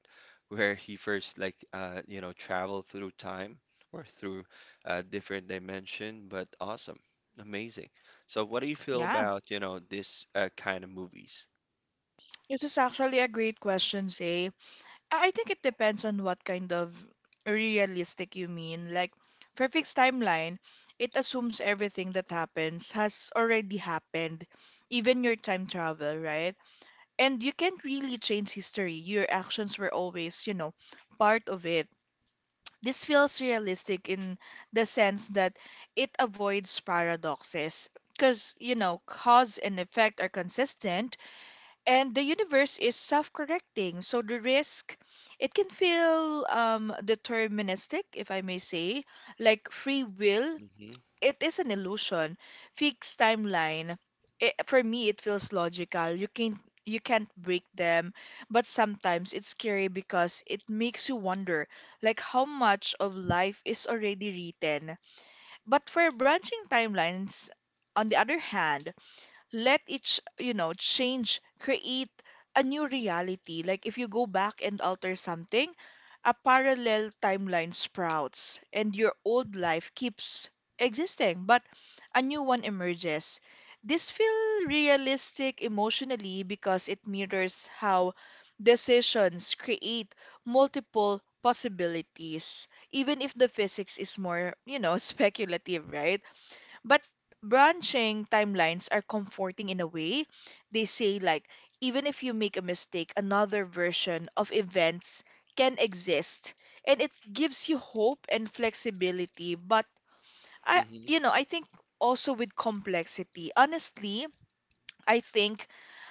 where he first like you know traveled through time or through a different dimension. But awesome, amazing. So what do you feel
yeah.
about you know this kind of movies?
This is actually a great question, say. I think it depends on what kind of realistic you mean. Like, for fixed timeline, it assumes everything that happens has already happened, even your time travel, right? And you can't really change history. Your actions were always, you know, part of it. This feels realistic in the sense that it avoids paradoxes because, you know, cause and effect are consistent and the universe is self-correcting. So the risk, it can feel deterministic, if I may say, like free will,
Mm-hmm.
it is an illusion. Fixed timeline. It, for me, it feels logical. You can not you can't break them, but sometimes it's scary because it makes you wonder, like how much of life is already written. But for branching timelines, on the other hand, let each you know change create a new reality. Like if you go back and alter something, a parallel timeline sprouts and your old life keeps existing, but a new one emerges. This feels realistic emotionally because it mirrors how decisions create multiple possibilities, even if the physics is more, you know, [LAUGHS] speculative, right? But branching timelines are comforting in a way. They say, like, even if you make a mistake, another version of events can exist. And it gives you hope and flexibility. But I,
Mm-hmm.
you know, I think also with complexity, honestly, I think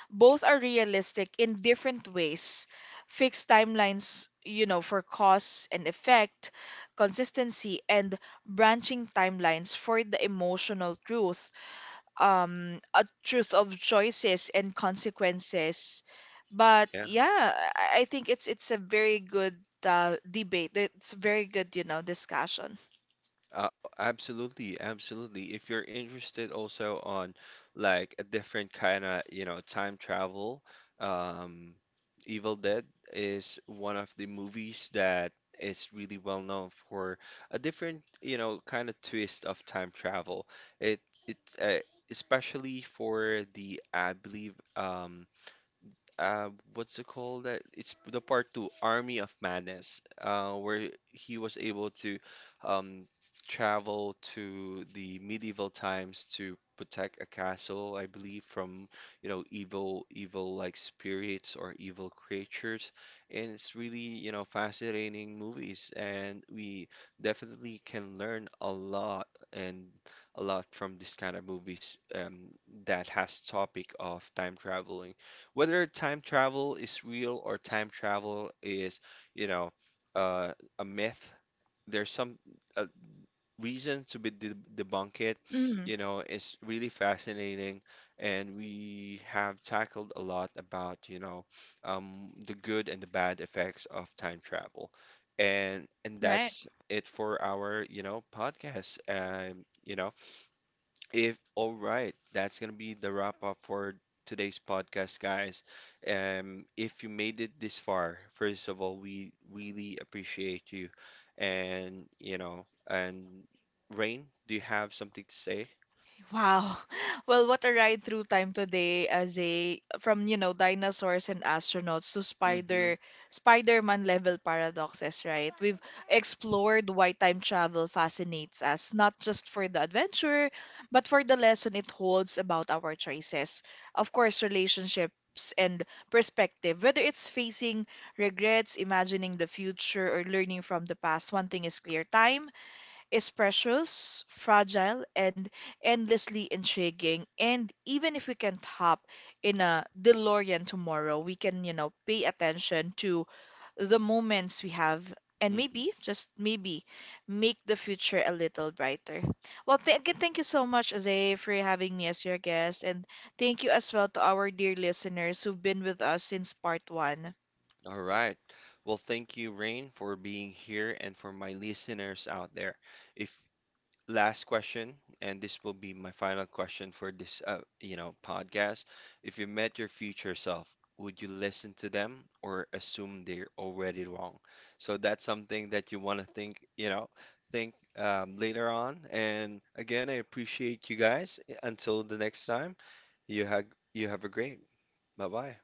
both are realistic in different ways. Fixed timelines, you know, for cause and effect, consistency, and branching timelines for the emotional truth, a truth of choices and consequences. But yeah, I think it's a very good, debate. It's a very good, you know, discussion.
Uh, Absolutely, absolutely. If you're interested also on like a different kind of, you know, time travel, um, Evil Dead is one of the movies that is really well known for a different, you know, kind of twist of time travel. It it Especially for the I believe what's it called? That it's the part two, Army of Madness, where he was able to um, travel to the medieval times to protect a castle, I believe, from you know evil, evil like spirits or evil creatures, and it's really you know fascinating movies, and we definitely can learn a lot and a lot from this kind of movies, that has topic of time traveling, whether time travel is real or time travel is, you know, uh, a myth. There's some uh, reason to be de debunk it.
Mm,
You know, it's really fascinating, and we have tackled a lot about, you know, the good and the bad effects of time travel. And
right.
that's it for our, you know, podcast. You know, if all right, that's gonna be the wrap up for today's podcast, guys. If you made it this far, first of all, we really appreciate you, and you know, and Rain, do you have something to say?
Wow. [LAUGHS] Well, what a ride through time today, as a from, you know, dinosaurs and astronauts to
Mm-hmm.
Spider-Man level paradoxes, right? We've explored why time travel fascinates us, not just for the adventure, but for the lesson it holds about our choices. Of course, relationships and perspective. Whether it's facing regrets, imagining the future, or learning from the past, one thing is clear, time is precious, fragile, and endlessly intriguing. And even if we can't hop in a DeLorean tomorrow, we can, you know, pay attention to the moments we have and
Mm-hmm.
maybe, just maybe, make the future a little brighter. Well, th again, thank you so much, Zay, for having me as your guest. And thank you as well to our dear listeners who've been with us since part one.
All right. Well, thank you, Rain, for being here and for my listeners out there. If Last question, and this will be my final question for this, you know, podcast. If you met your future self, would you listen to them or assume they're already wrong? So that's something that you want to think, you know, think later on. And again, I appreciate you guys. Until the next time, you have you have a great. Bye bye.